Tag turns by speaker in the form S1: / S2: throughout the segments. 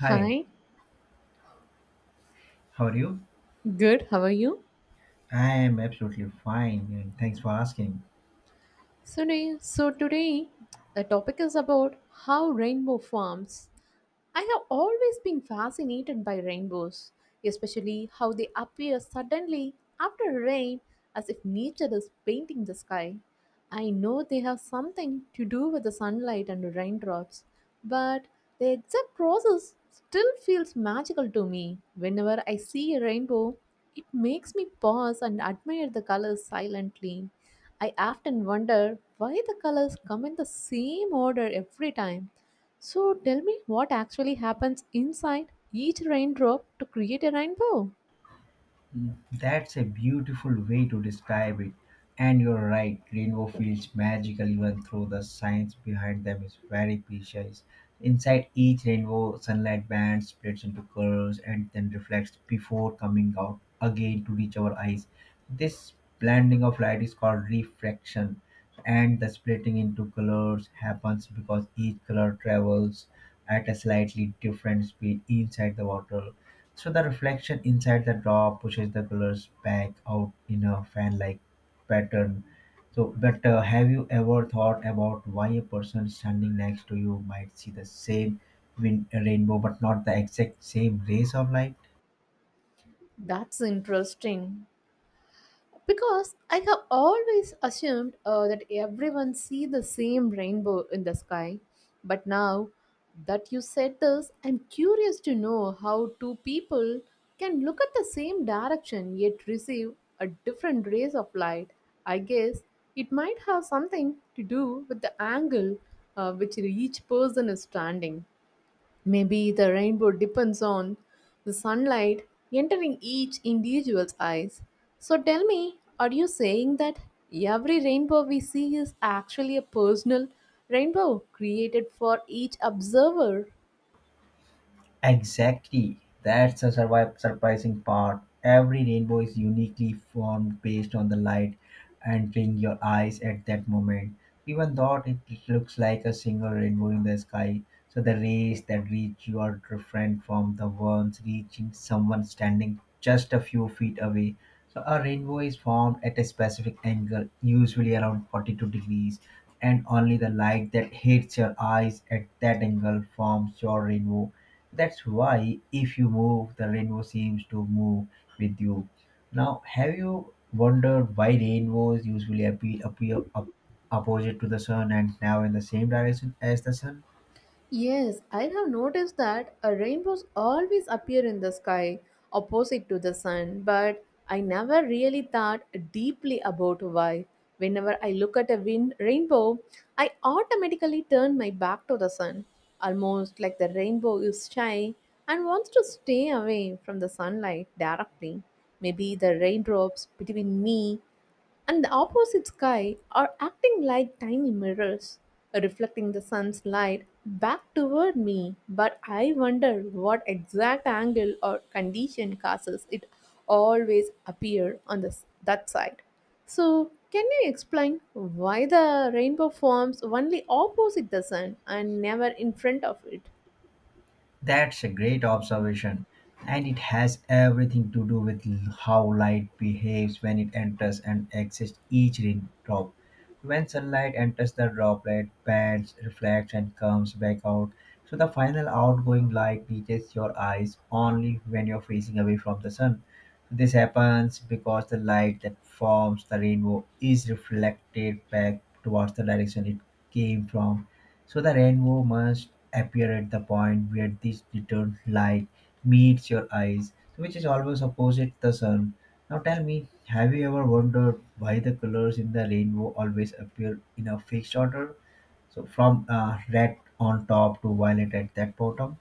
S1: Hi,
S2: Hi,
S1: how are you?
S2: good, how are you?
S1: I am absolutely fine and thanks for asking.
S2: So today the topic is about how rainbow forms. I have always been fascinated by rainbows, especially how they appear suddenly after rain, as if nature is painting the sky. I know they have something to do with the sunlight and raindrops, but the exact process still feels magical to me. Whenever I see a rainbow, it makes me pause and admire the colors silently. I often wonder why the colors come in the same order every time. So tell me, what actually happens inside each raindrop to create a rainbow?
S1: That's a beautiful way to describe it. And you're right, rainbow feels magical even though the science behind them is very precise. Inside each rainbow, sunlight band splits into colors and then reflects before coming out again to reach our eyes. This blending of light is called refraction, and the splitting into colors happens because each color travels at a slightly different speed inside the water so the reflection inside the drop pushes the colors back out in a fan-like pattern. So, but Have you ever thought about why a person standing next to you might see the same rainbow but not the exact same rays of light?
S2: That's interesting because I have always assumed that everyone see the same rainbow in the sky. But now that you said this, I'm curious to know how two people can look at the same direction yet receive a different rays of light. I guess it might have something to do with the angle which each person is standing. Maybe the rainbow depends on the sunlight entering each individual's eyes. So tell me, are you saying that every rainbow we see is actually a personal rainbow created for each observer?
S1: Exactly. That's a surprising part. Every rainbow is uniquely formed based on the light entering your eyes at that moment. Even though it looks like a single rainbow in the sky, so the rays that reach you are different from the ones reaching someone standing just a few feet away. So a rainbow is formed at a specific angle, usually around 42 degrees, and only the light that hits your eyes at that angle forms your rainbow. That's why if you move, the rainbow seems to move with you. Now, have you wondered why rainbows usually appear up, opposite to the sun and now in the same direction as the sun?
S2: Yes, I have noticed that rainbows always appear in the sky opposite to the sun, but I never really thought deeply about why. Whenever I look at a rainbow, I automatically turn my back to the sun, almost like the rainbow is shy and wants to stay away from the sunlight directly. Maybe the raindrops between me and the opposite sky are acting like tiny mirrors, reflecting the sun's light back toward me. But I wonder what exact angle or condition causes it always appear on this that side. So, can you explain why the rainbow forms only opposite the sun and never in front of it?
S1: That's a great observation, and it has everything to do with how light behaves when it enters and exits each raindrop. When sunlight enters the droplet, bends, reflects, and comes back out. So the final outgoing light reaches your eyes only when you're facing away from the sun. So this happens because the light that forms the rainbow is reflected back towards the direction it came from, so the rainbow must appear at the point where this return light meets your eyes, which is always opposite the sun. Now tell me, have you ever wondered why the colors in the rainbow always appear in a fixed order? So from red on top to violet at that bottom?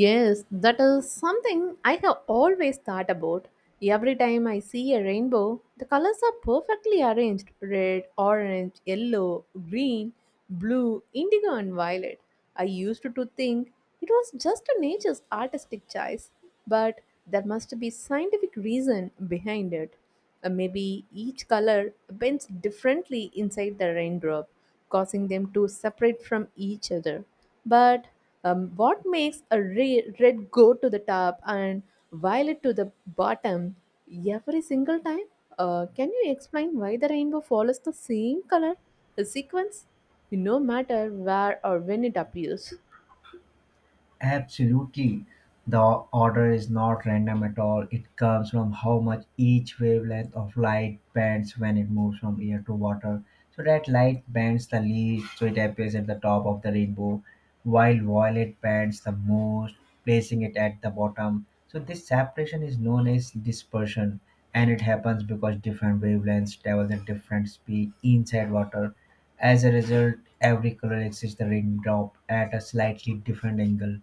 S2: Yes, that is something I have always thought about. Every time I see a rainbow, the colors are perfectly arranged red, orange, yellow, green, blue, indigo, and violet. I used to think it was just a nature's artistic choice, but there must be scientific reason behind it. Maybe each color bends differently inside the raindrop, causing them to separate from each other. But what makes a red go to the top and violet to the bottom every single time? Can you explain why the rainbow follows the same color, the sequence, no matter where or when it appears?
S1: Absolutely. The order is not random at all. It comes from how much each wavelength of light bends when it moves from air to water. So that light bends the least, so it appears at the top of the rainbow, while violet bends the most, placing it at the bottom. So this separation is known as dispersion, and it happens because different wavelengths travel at different speed inside water. As a result, every color exits the raindrop at a slightly different angle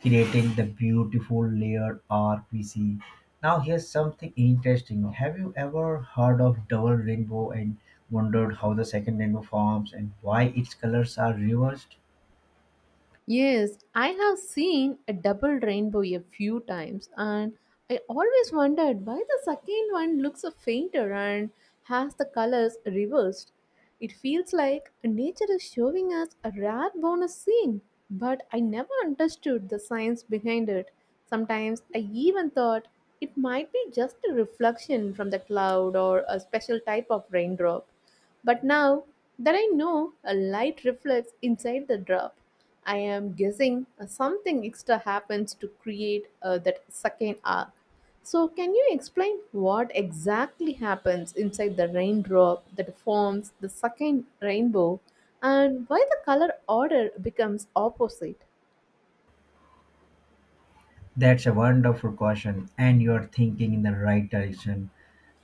S1: creating the beautiful layered arc we see. Now, here's something interesting. Have you ever heard of double rainbow and wondered how the second rainbow forms and why its colors are reversed?
S2: Yes, I have seen a double rainbow a few times, and I always wondered why the second one looks so fainter and has the colors reversed. It feels like nature is showing us a rare bonus scene, but I never understood the science behind it. Sometimes I even thought it might be just a reflection from the cloud or a special type of raindrop. But now that I know a light reflects inside the drop, I am guessing something extra happens to create that second arc. So, can you explain what exactly happens inside the raindrop that forms the second rainbow and why the color order becomes opposite?
S1: That's a wonderful question, and you're thinking in the right direction.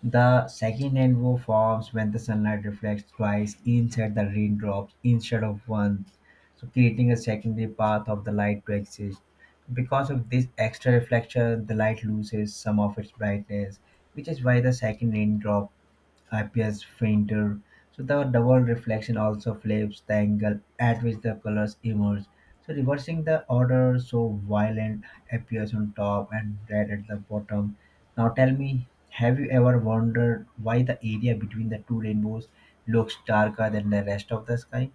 S1: The second rainbow forms when the sunlight reflects twice inside the raindrops instead of once, so creating a secondary path of the light to exist. Because of this extra reflection, the light loses some of its brightness, which is why the second raindrop appears fainter. So the double reflection also flips the angle at which the colors emerge. So reversing the order, so violet appears on top and red at the bottom. Now tell me, have you ever wondered why the area between the two rainbows looks darker than the rest of the sky?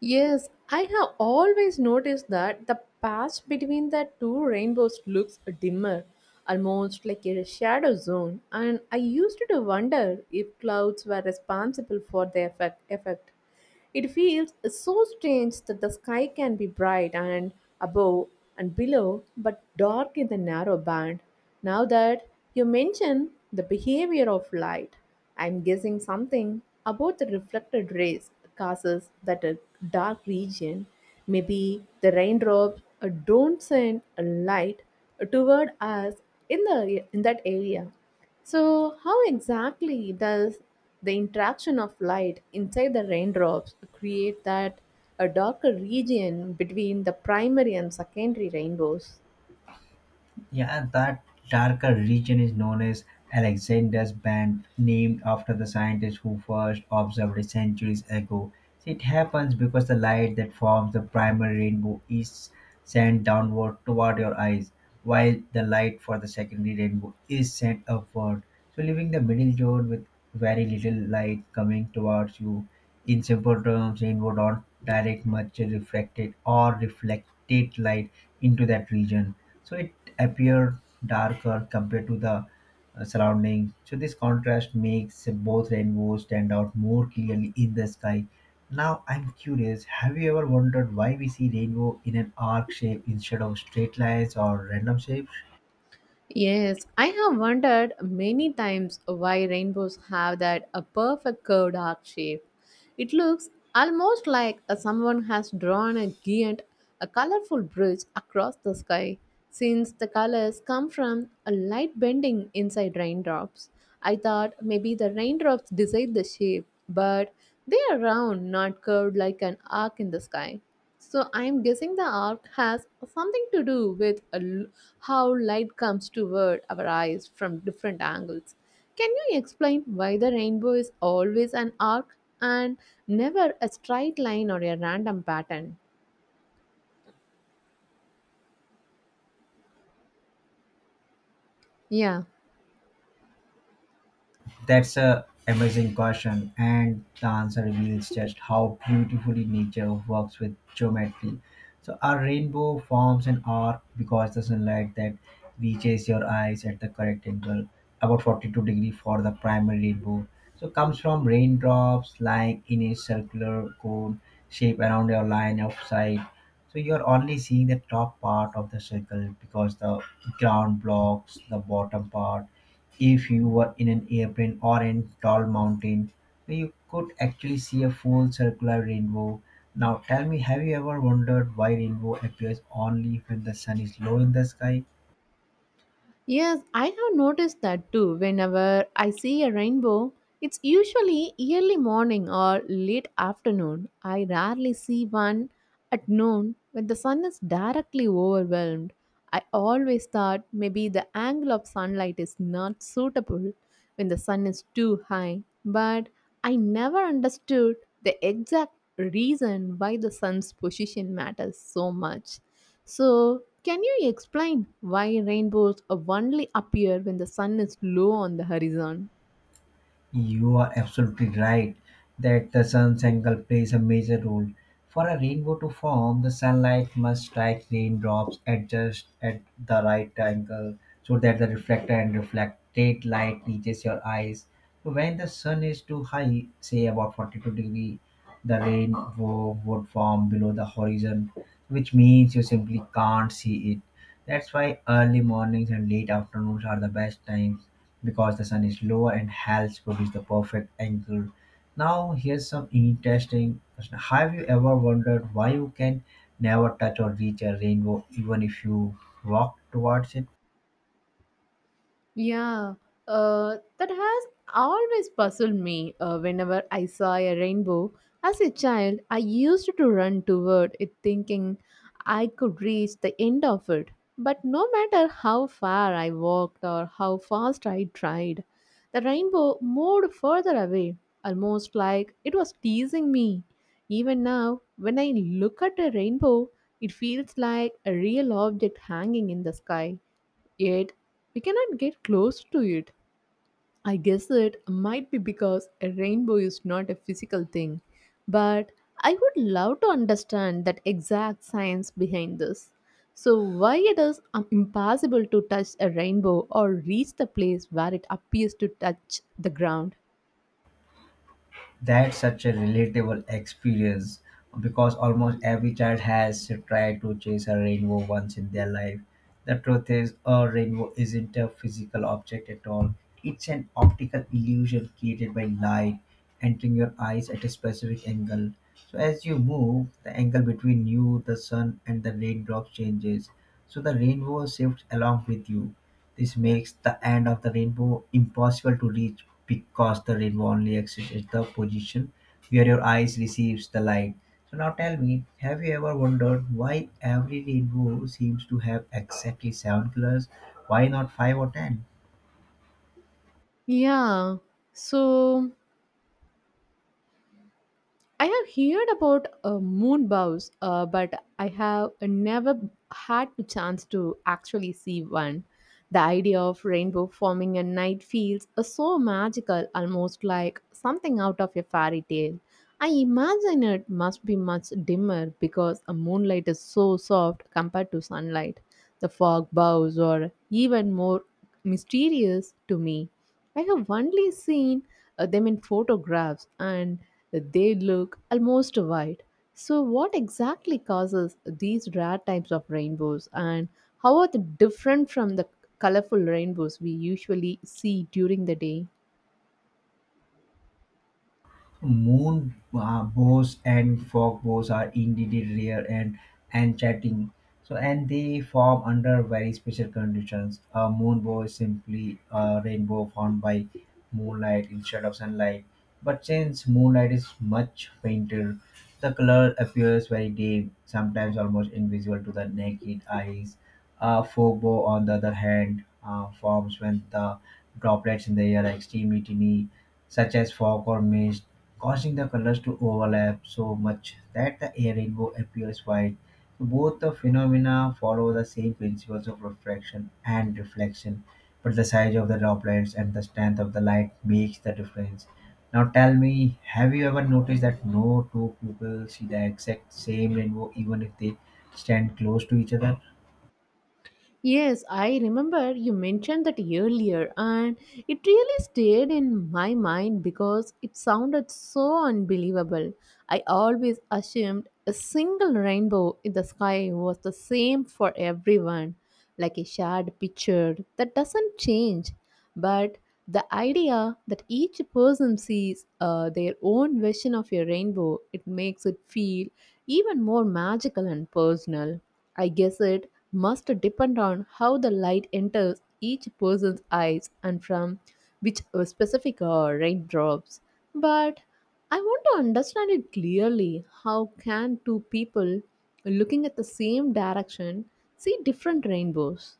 S2: Yes, I have always noticed that the patch between the two rainbows looks dimmer, almost like a shadow zone, and I used to wonder if clouds were responsible for the effect. It feels so strange that the sky can be bright and above and below, but dark in the narrow band. Now that you mention the behavior of light, I'm guessing something about the reflected rays causes that a dark region. Maybe the raindrops don't send a light toward us in that area. So how exactly does the interaction of light inside the raindrops create that a darker region between the primary and secondary rainbows?
S1: Yeah, that darker region is known as Alexander's Band, named after the scientist who first observed it centuries ago. So it happens because the light that forms the primary rainbow is sent downward toward your eyes, while the light for the secondary rainbow is sent upward. So leaving the middle zone with very little light coming towards you. In simple terms, rainbow don't direct much refracted or reflected light into that region so it appeared darker compared to the surrounding. So this contrast makes both rainbows stand out more clearly in the sky. Now I'm curious, have you ever wondered why we see rainbow in an arc shape instead of straight lines or random shapes?
S2: Yes, I have wondered many times why rainbows have that a perfect curved arc shape. It looks almost like a, someone has drawn a giant, a colorful bridge across the sky. Since the colors come from a light bending inside raindrops, I thought maybe the raindrops decide the shape, but they are round, not curved like an arc in the sky. So I'm guessing the arc has something to do with a how light comes toward our eyes from different angles. Can you explain why the rainbow is always an arc and never a straight line or a random pattern? Yeah.
S1: That's a amazing question, and the answer reveals just how beautifully nature works with geometry. So our rainbow forms an arc because the sunlight that reaches your eyes at the correct angle, about 42 degree for the primary rainbow. So comes from raindrops lying in a circular cone shape around your line of sight. So you're only seeing the top part of the circle because the ground blocks the bottom part. If you were in an airplane or in tall mountain, you could actually see a full circular rainbow. Now tell me, have you ever wondered why rainbow appears only when the sun is low in the sky?
S2: Yes, I have noticed that too. Whenever I see a rainbow, it's usually early morning or late afternoon. I rarely see one at noon when the sun is directly overwhelmed. I always thought maybe the angle of sunlight is not suitable when the sun is too high, but I never understood the exact reason why the sun's position matters so much. So, can you explain why rainbows only appear when the sun is low on the horizon?
S1: You are absolutely right that the sun's angle plays a major role. For a rainbow to form, the sunlight must strike raindrops at just at the right angle so that the reflector and reflected light reaches your eyes. So when the sun is too high, say about 42 degree, the rainbow would form below the horizon, which means you simply can't see it. That's why early mornings and late afternoons are the best times because the sun is lower and helps produce the perfect angle. Now, here's some interesting question. Have you ever wondered why you can never touch or reach a rainbow even if you walk towards it?
S2: Yeah, that has always puzzled me. Whenever I saw a rainbow as a child, I used to run toward it thinking I could reach the end of it. But no matter how far I walked or how fast I tried, the rainbow moved further away, almost like it was teasing me. Even now, when I look at a rainbow, it feels like a real object hanging in the sky. Yet, we cannot get close to it. I guess it might be because a rainbow is not a physical thing, but I would love to understand that exact science behind this. So, why it is impossible to touch a rainbow or reach the place where it appears to touch the ground?
S1: That's such a relatable experience because almost every child has tried to chase a rainbow once in their life. The truth is, a rainbow isn't a physical object at all, it's an optical illusion created by light entering your eyes at a specific angle. So, as you move, the angle between you, the sun, and the raindrops changes. So, the rainbow shifts along with you. This makes the end of the rainbow impossible to reach because the rainbow only exists at the position where your eyes receives the light. So now tell me, have you ever wondered why every rainbow seems to have exactly seven colors? Why not five or ten?
S2: Yeah, so I have heard about moon bows, but I have never had the chance to actually see one. The idea of rainbow forming at night feels so magical, almost like something out of a fairy tale. I imagine it must be much dimmer because a moonlight is so soft compared to sunlight. The fog bows are even more mysterious to me. I have only seen them in photographs and they look almost white. So, what exactly causes these rare types of rainbows and how are they different from the colorful rainbows we usually see during the day?
S1: Moon bows and fog bows are indeed rare and enchanting. So, and they form under very special conditions. A moon bow is simply a rainbow formed by moonlight instead of sunlight. But since moonlight is much fainter, the color appears very dim, sometimes almost invisible to the naked eyes. A fog bow, on the other hand, forms when the droplets in the air are extremely tiny such as fog or mist, causing the colors to overlap so much that the air rainbow appears white. So both the phenomena follow the same principles of refraction and reflection, but the size of the droplets and the strength of the light makes the difference. Now tell me, have you ever noticed that no two people see the exact same rainbow even if they stand close to each other?
S2: Yes, I remember you mentioned that earlier, and it really stayed in my mind because it sounded so unbelievable. I always assumed a single rainbow in the sky was the same for everyone, like a shared picture that doesn't change. But the idea that each person sees their own version of a rainbow, it makes it feel even more magical and personal. I guess it must depend on how the light enters each person's eyes and from which specific raindrops. But I want to understand it clearly. How can two people looking at the same direction see different rainbows?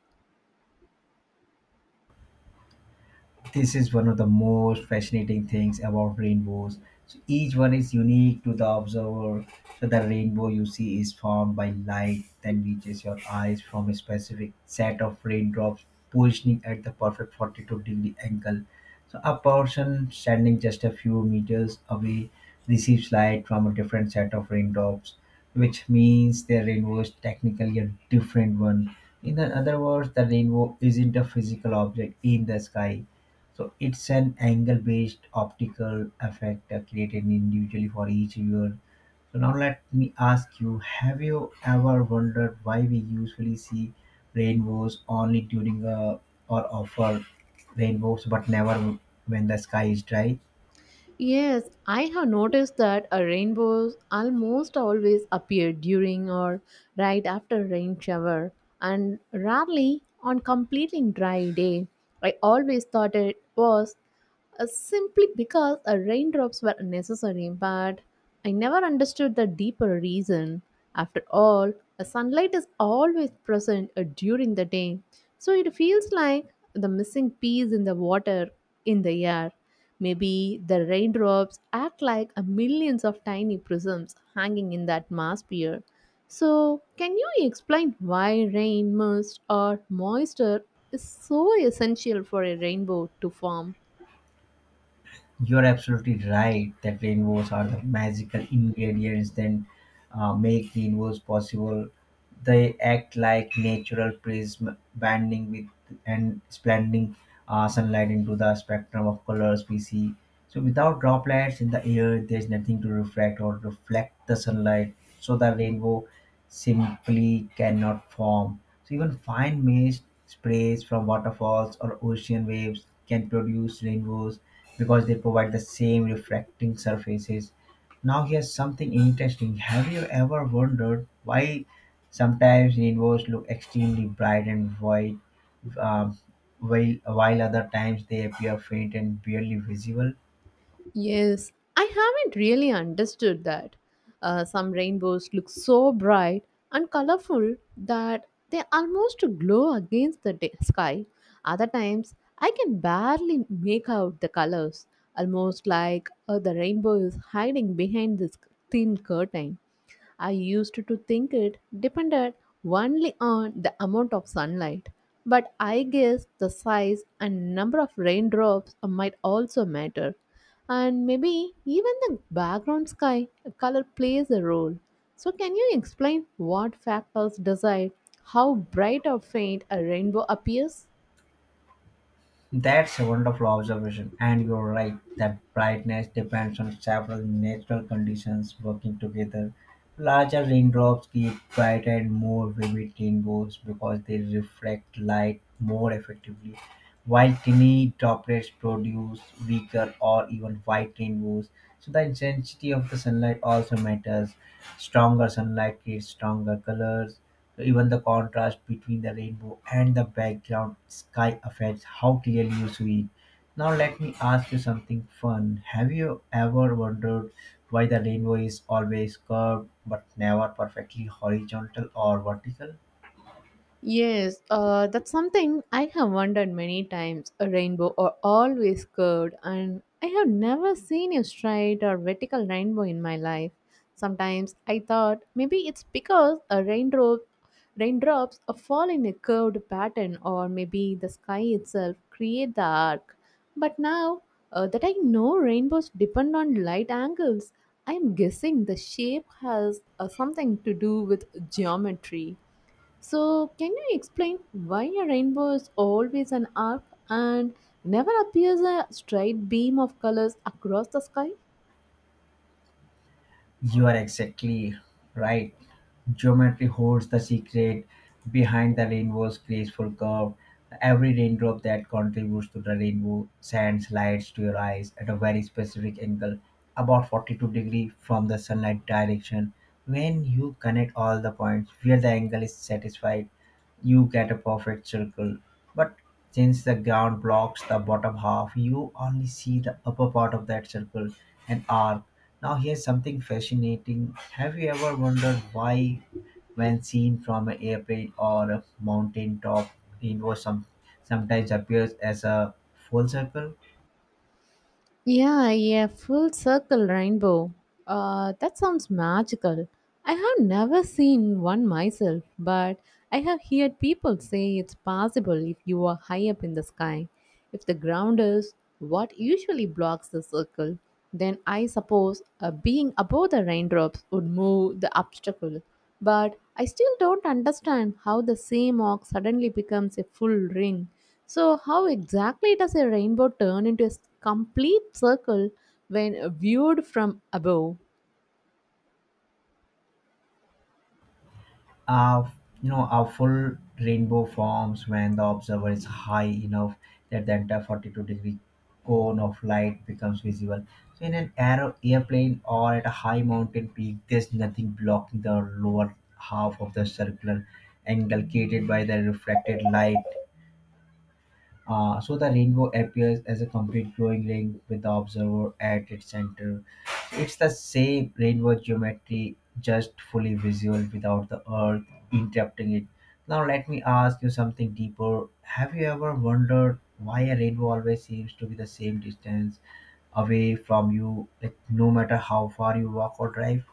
S1: This is one of the most fascinating things about rainbows. So each one is unique to the observer. So the rainbow you see is formed by light that reaches your eyes from a specific set of raindrops positioning at the perfect 42-degree angle. So a person standing just a few meters away receives light from a different set of raindrops, which means their rainbow is technically a different one. In the other words, the rainbow isn't a physical object in the sky so it's an angle-based optical effect created individually for each viewer. So now let me ask you: have you ever wondered why we usually see rainbows only during a or offer rainbows, but never when the sky is dry?
S2: Yes, I have noticed that rainbows almost always appear during or right after rain shower and rarely on completely dry day. I always thought it was simply because raindrops were necessary, but I never understood the deeper reason. After all, sunlight is always present during the day, so it feels like the missing piece in the water in the air. Maybe the raindrops act like a millions of tiny prisms hanging in that mass sphere. So, can you explain why rain, mist, or moisture is so essential for a rainbow to form?
S1: You're absolutely right that rainbows are the magical ingredients that make rainbows possible. They act like natural prism, bending with and splending sunlight into the spectrum of colors we see. So without droplets in the air, there's nothing to refract or reflect the sunlight. So the rainbow simply cannot form. So even fine mist sprays from waterfalls or ocean waves can produce rainbows because they provide the same refracting surfaces. Now here's something interesting. Have you ever wondered why sometimes rainbows look extremely bright and vivid, um, while other times they appear faint and barely visible.
S2: Yes, I haven't really understood that. Some rainbows look so bright and colorful that they almost glow against the sky. Other times, I can barely make out the colors, almost like the rainbow is hiding behind this thin curtain. I used to think it depended only on the amount of sunlight, but I guess the size and number of raindrops might also matter. And maybe even the background sky color plays a role. So, can you explain what factors decide how bright or faint a rainbow appears?
S1: That's a wonderful observation, and you're right that brightness depends on several natural conditions working together. Larger raindrops give brighter and more vivid rainbows because they reflect light more effectively, while tiny droplets produce weaker or even white rainbows. So, the intensity of the sunlight also matters. Stronger sunlight creates stronger colors, so even the contrast between the rainbow and the background sky affects how clearly you see it. Now let me ask you something fun. Have you ever wondered why the rainbow is always curved but never perfectly horizontal or vertical?
S2: Yes, that's something I have wondered many times. A rainbow are always curved, and I have never seen a straight or vertical rainbow in my life. Sometimes I thought maybe it's because a raindrops fall in a curved pattern, or maybe the sky itself create the arc. But now that I know rainbows depend on light angles, I'm guessing the shape has something to do with geometry. So, can you explain why a rainbow is always an arc and never appears a straight beam of colors across the sky?
S1: You are exactly right. Geometry holds the secret behind the rainbow's graceful curve. Every raindrop that contributes to the rainbow sends lights to your eyes at a very specific angle, about 42 degrees from the sunlight direction. When you connect all the points where the angle is satisfied, you get a perfect circle. But since the ground blocks the bottom half, you only see the upper part of that circle and arc. Now, here's something fascinating. Have you ever wondered why, when seen from an airplane or a mountain top, rainbow some, sometimes appears as a full circle?
S2: Yeah, yeah, full circle rainbow. That sounds magical. I have never seen one myself, but I have heard people say it's possible if you are high up in the sky. If the ground is what usually blocks the circle, then I suppose being above the raindrops would move the obstacle. But I still don't understand how the same arc suddenly becomes a full ring. So, how exactly does a rainbow turn into a complete circle when viewed from above?
S1: A, a full rainbow forms when the observer is high enough that the entire 42-degree cone of light becomes visible. So in an airplane or at a high mountain peak, there's nothing blocking the lower half of the circular angle created by the refracted light. So the rainbow appears as a complete glowing ring with the observer at its center. It's the same rainbow geometry, just fully visual without the earth interrupting it. Now, let me ask you something deeper. Have you ever wondered why a rainbow always seems to be the same distance away from you, like no matter how far you walk or drive?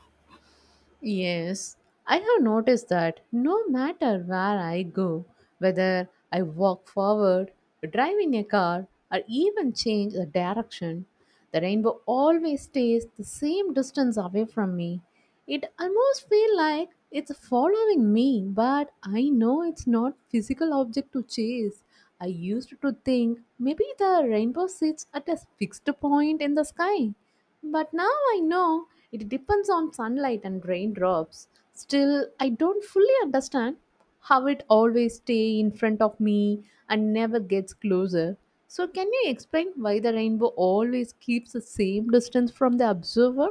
S2: Yes, I have noticed that no matter where I go, whether I walk forward, drive in a car, or even change the direction, the rainbow always stays the same distance away from me. It almost feels like it's following me, but I know it's not physical object to chase. I used to think maybe the rainbow sits at a fixed point in the sky but now I know it depends on sunlight and raindrops. Still, I don't fully understand how it always stay in front of me and never gets closer. So can you explain why the rainbow always keeps the same distance from the observer?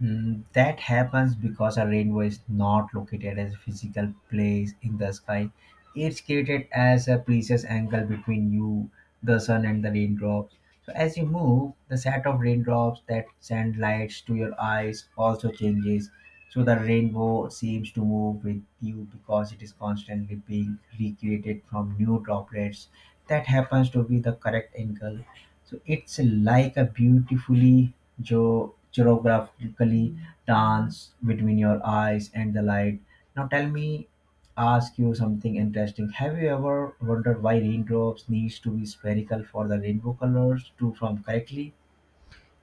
S1: Mm, that happens because a rainbow is not located as a physical place in the sky. It's created as a precious angle between you, the sun, and the raindrops. So as you move, the set of raindrops that send lights to your eyes also changes. So the rainbow seems to move with you because it is constantly being recreated from new droplets. That happens to be the correct angle. So it's like a beautifully geographically dance between your eyes and the light. Now tell me, ask you something interesting. Have you ever wondered why raindrops needs to be spherical for the rainbow colors to form correctly?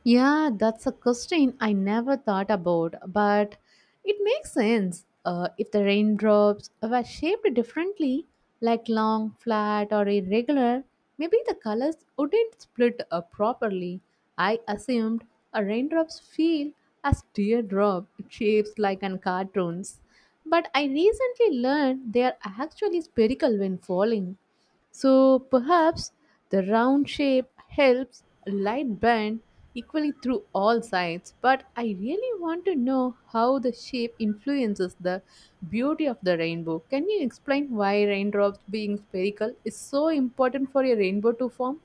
S2: Yeah, that's a question I never thought about, but it makes sense. If the raindrops were shaped differently, like long, flat, or irregular, maybe the colors wouldn't split up properly. I assumed a raindrops feel as teardrop shapes like in cartoons, but I recently learned they are actually spherical when falling. So perhaps the round shape helps light bend equally through all sides, but I really want to know how the shape influences the beauty of the rainbow. Can you explain why raindrops being spherical is so important for a rainbow to form?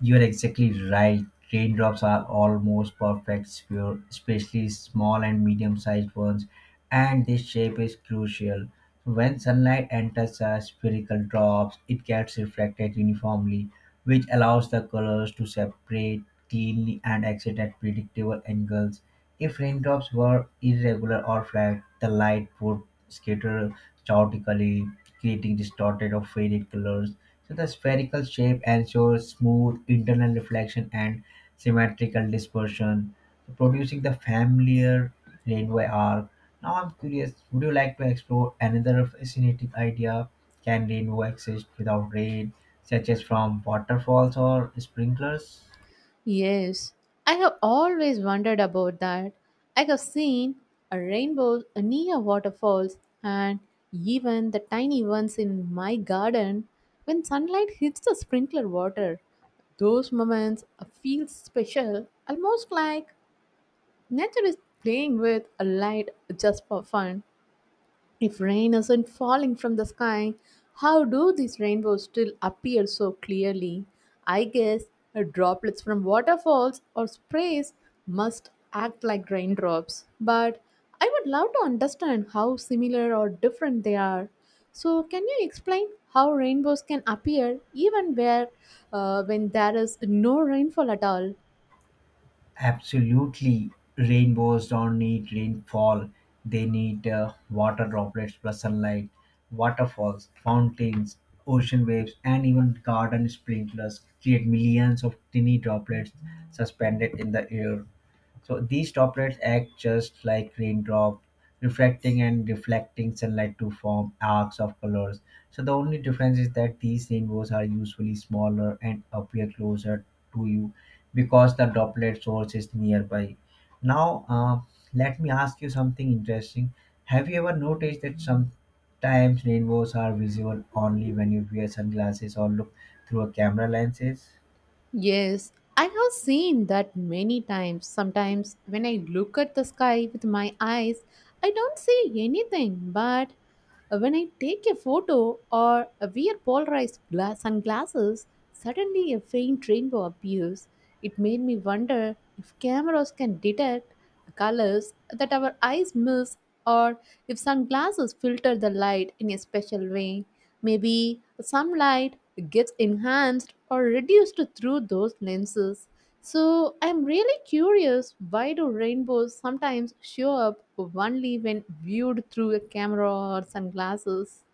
S1: You're exactly right. Raindrops are almost perfect sphere, especially small and medium sized ones, and this shape is crucial. When sunlight enters a spherical drops, it gets reflected uniformly, which allows the colors to separate cleanly and exit at predictable angles. If raindrops were irregular or flat, the light would scatter chaotically, creating distorted or faded colors, so the spherical shape ensures smooth internal reflection and symmetrical dispersion, so producing the familiar rainbow arc. Now I'm curious, would you like to explore another fascinating idea? Can rainbow exist without rain, such as from waterfalls or sprinklers?
S2: Yes, I have always wondered about that. I have seen a rainbow near waterfalls and even the tiny ones in my garden when sunlight hits the sprinkler water. Those moments feel special, almost like nature is playing with a light just for fun. If rain isn't falling from the sky, how do these rainbows still appear so clearly? I guess droplets from waterfalls or sprays must act like raindrops, but I would love to understand how similar or different they are. So, can you explain how rainbows can appear even where when there is no rainfall at all?
S1: Absolutely. Rainbows don't need rainfall. They need water droplets plus sunlight, waterfalls, fountains, ocean waves, and even garden sprinklers create millions of tiny droplets suspended in the air. So these droplets act just like raindrop, refracting and reflecting sunlight to form arcs of colors. So the only difference is that these rainbows are usually smaller and appear closer to you because the droplet source is nearby. Now, let me ask you something interesting. Have you ever noticed that sometimes rainbows are visible only when you wear sunglasses or look through a camera lenses?
S2: Yes, I have seen that many times. Sometimes when I look at the sky with my eyes, I don't see anything, but when I take a photo or wear polarized sunglasses, suddenly a faint rainbow appears. It made me wonder if cameras can detect colors that our eyes miss or if sunglasses filter the light in a special way. Maybe some light gets enhanced or reduced through those lenses. So I'm really curious, why do rainbows sometimes show up only when viewed through a camera or sunglasses?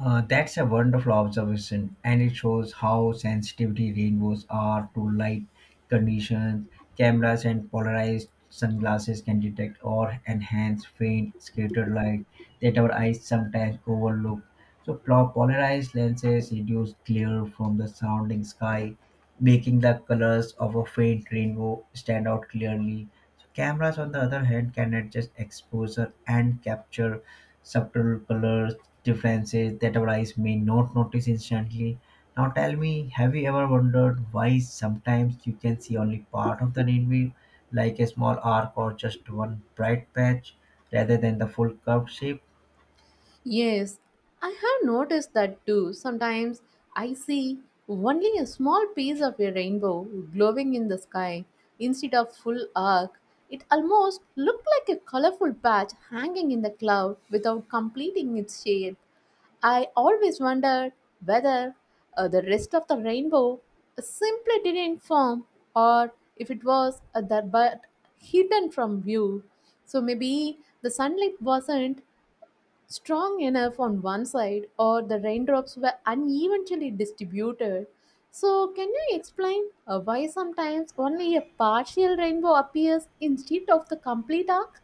S1: That's a wonderful observation, and it shows how sensitivity rainbows are to light conditions. Cameras and polarized sunglasses can detect or enhance faint scattered light that our eyes sometimes overlook. So, polarized lenses reduce glare from the surrounding sky, making the colors of a faint rainbow stand out clearly. So cameras, on the other hand, can adjust exposure and capture subtle colors differences that our eyes may not notice instantly. Now tell me, have you ever wondered why sometimes you can see only part of the rainbow, like a small arc or just one bright patch, rather than the full curved shape?
S2: Yes, I have noticed that too. Sometimes I see only a small piece of a rainbow glowing in the sky instead of full arc. It almost looked like a colorful patch hanging in the cloud without completing its shade. I always wondered whether the rest of the rainbow simply didn't form or if it was that but hidden from view. So maybe the sunlight wasn't strong enough on one side or the raindrops were unevenly distributed. So can you explain why sometimes only a partial rainbow appears instead of the complete arc?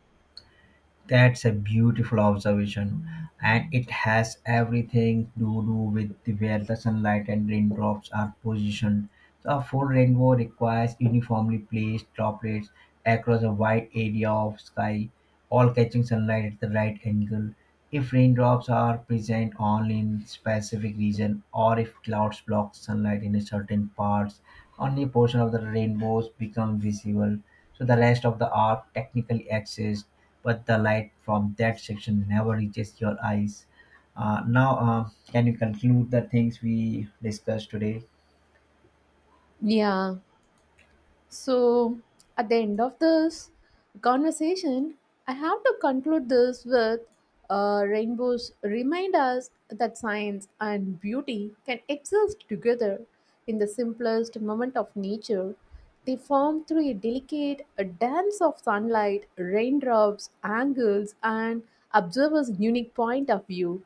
S1: That's a beautiful observation, and it has everything to do with where the sunlight and raindrops are positioned. So, a full rainbow requires uniformly placed droplets across a wide area of sky, all catching sunlight at the right angle. If raindrops are present only in specific region, or if clouds block sunlight in a certain parts, only a portion of the rainbows become visible. So, the rest of the art technically exists but the light from that section never reaches your eyes. Now, can you conclude the things we discussed today?
S2: Yeah. So, at the end of this conversation, I have to conclude this with rainbows remind us that science and beauty can exist together in the simplest moment of nature. They form through a delicate a dance of sunlight, raindrops, angles, and observers' unique point of view.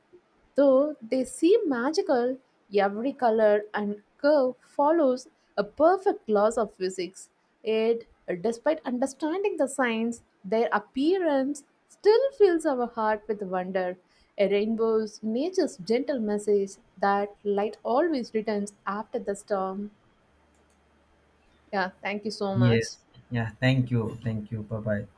S2: Though they seem magical, every color and curve follows a perfect laws of physics. Yet, despite understanding the science, their appearance still fills our heart with wonder. A rainbow's nature's gentle message that light always returns after the storm. Yeah, thank you so much.
S1: Yes. Yeah. Thank you. Thank you. Bye bye.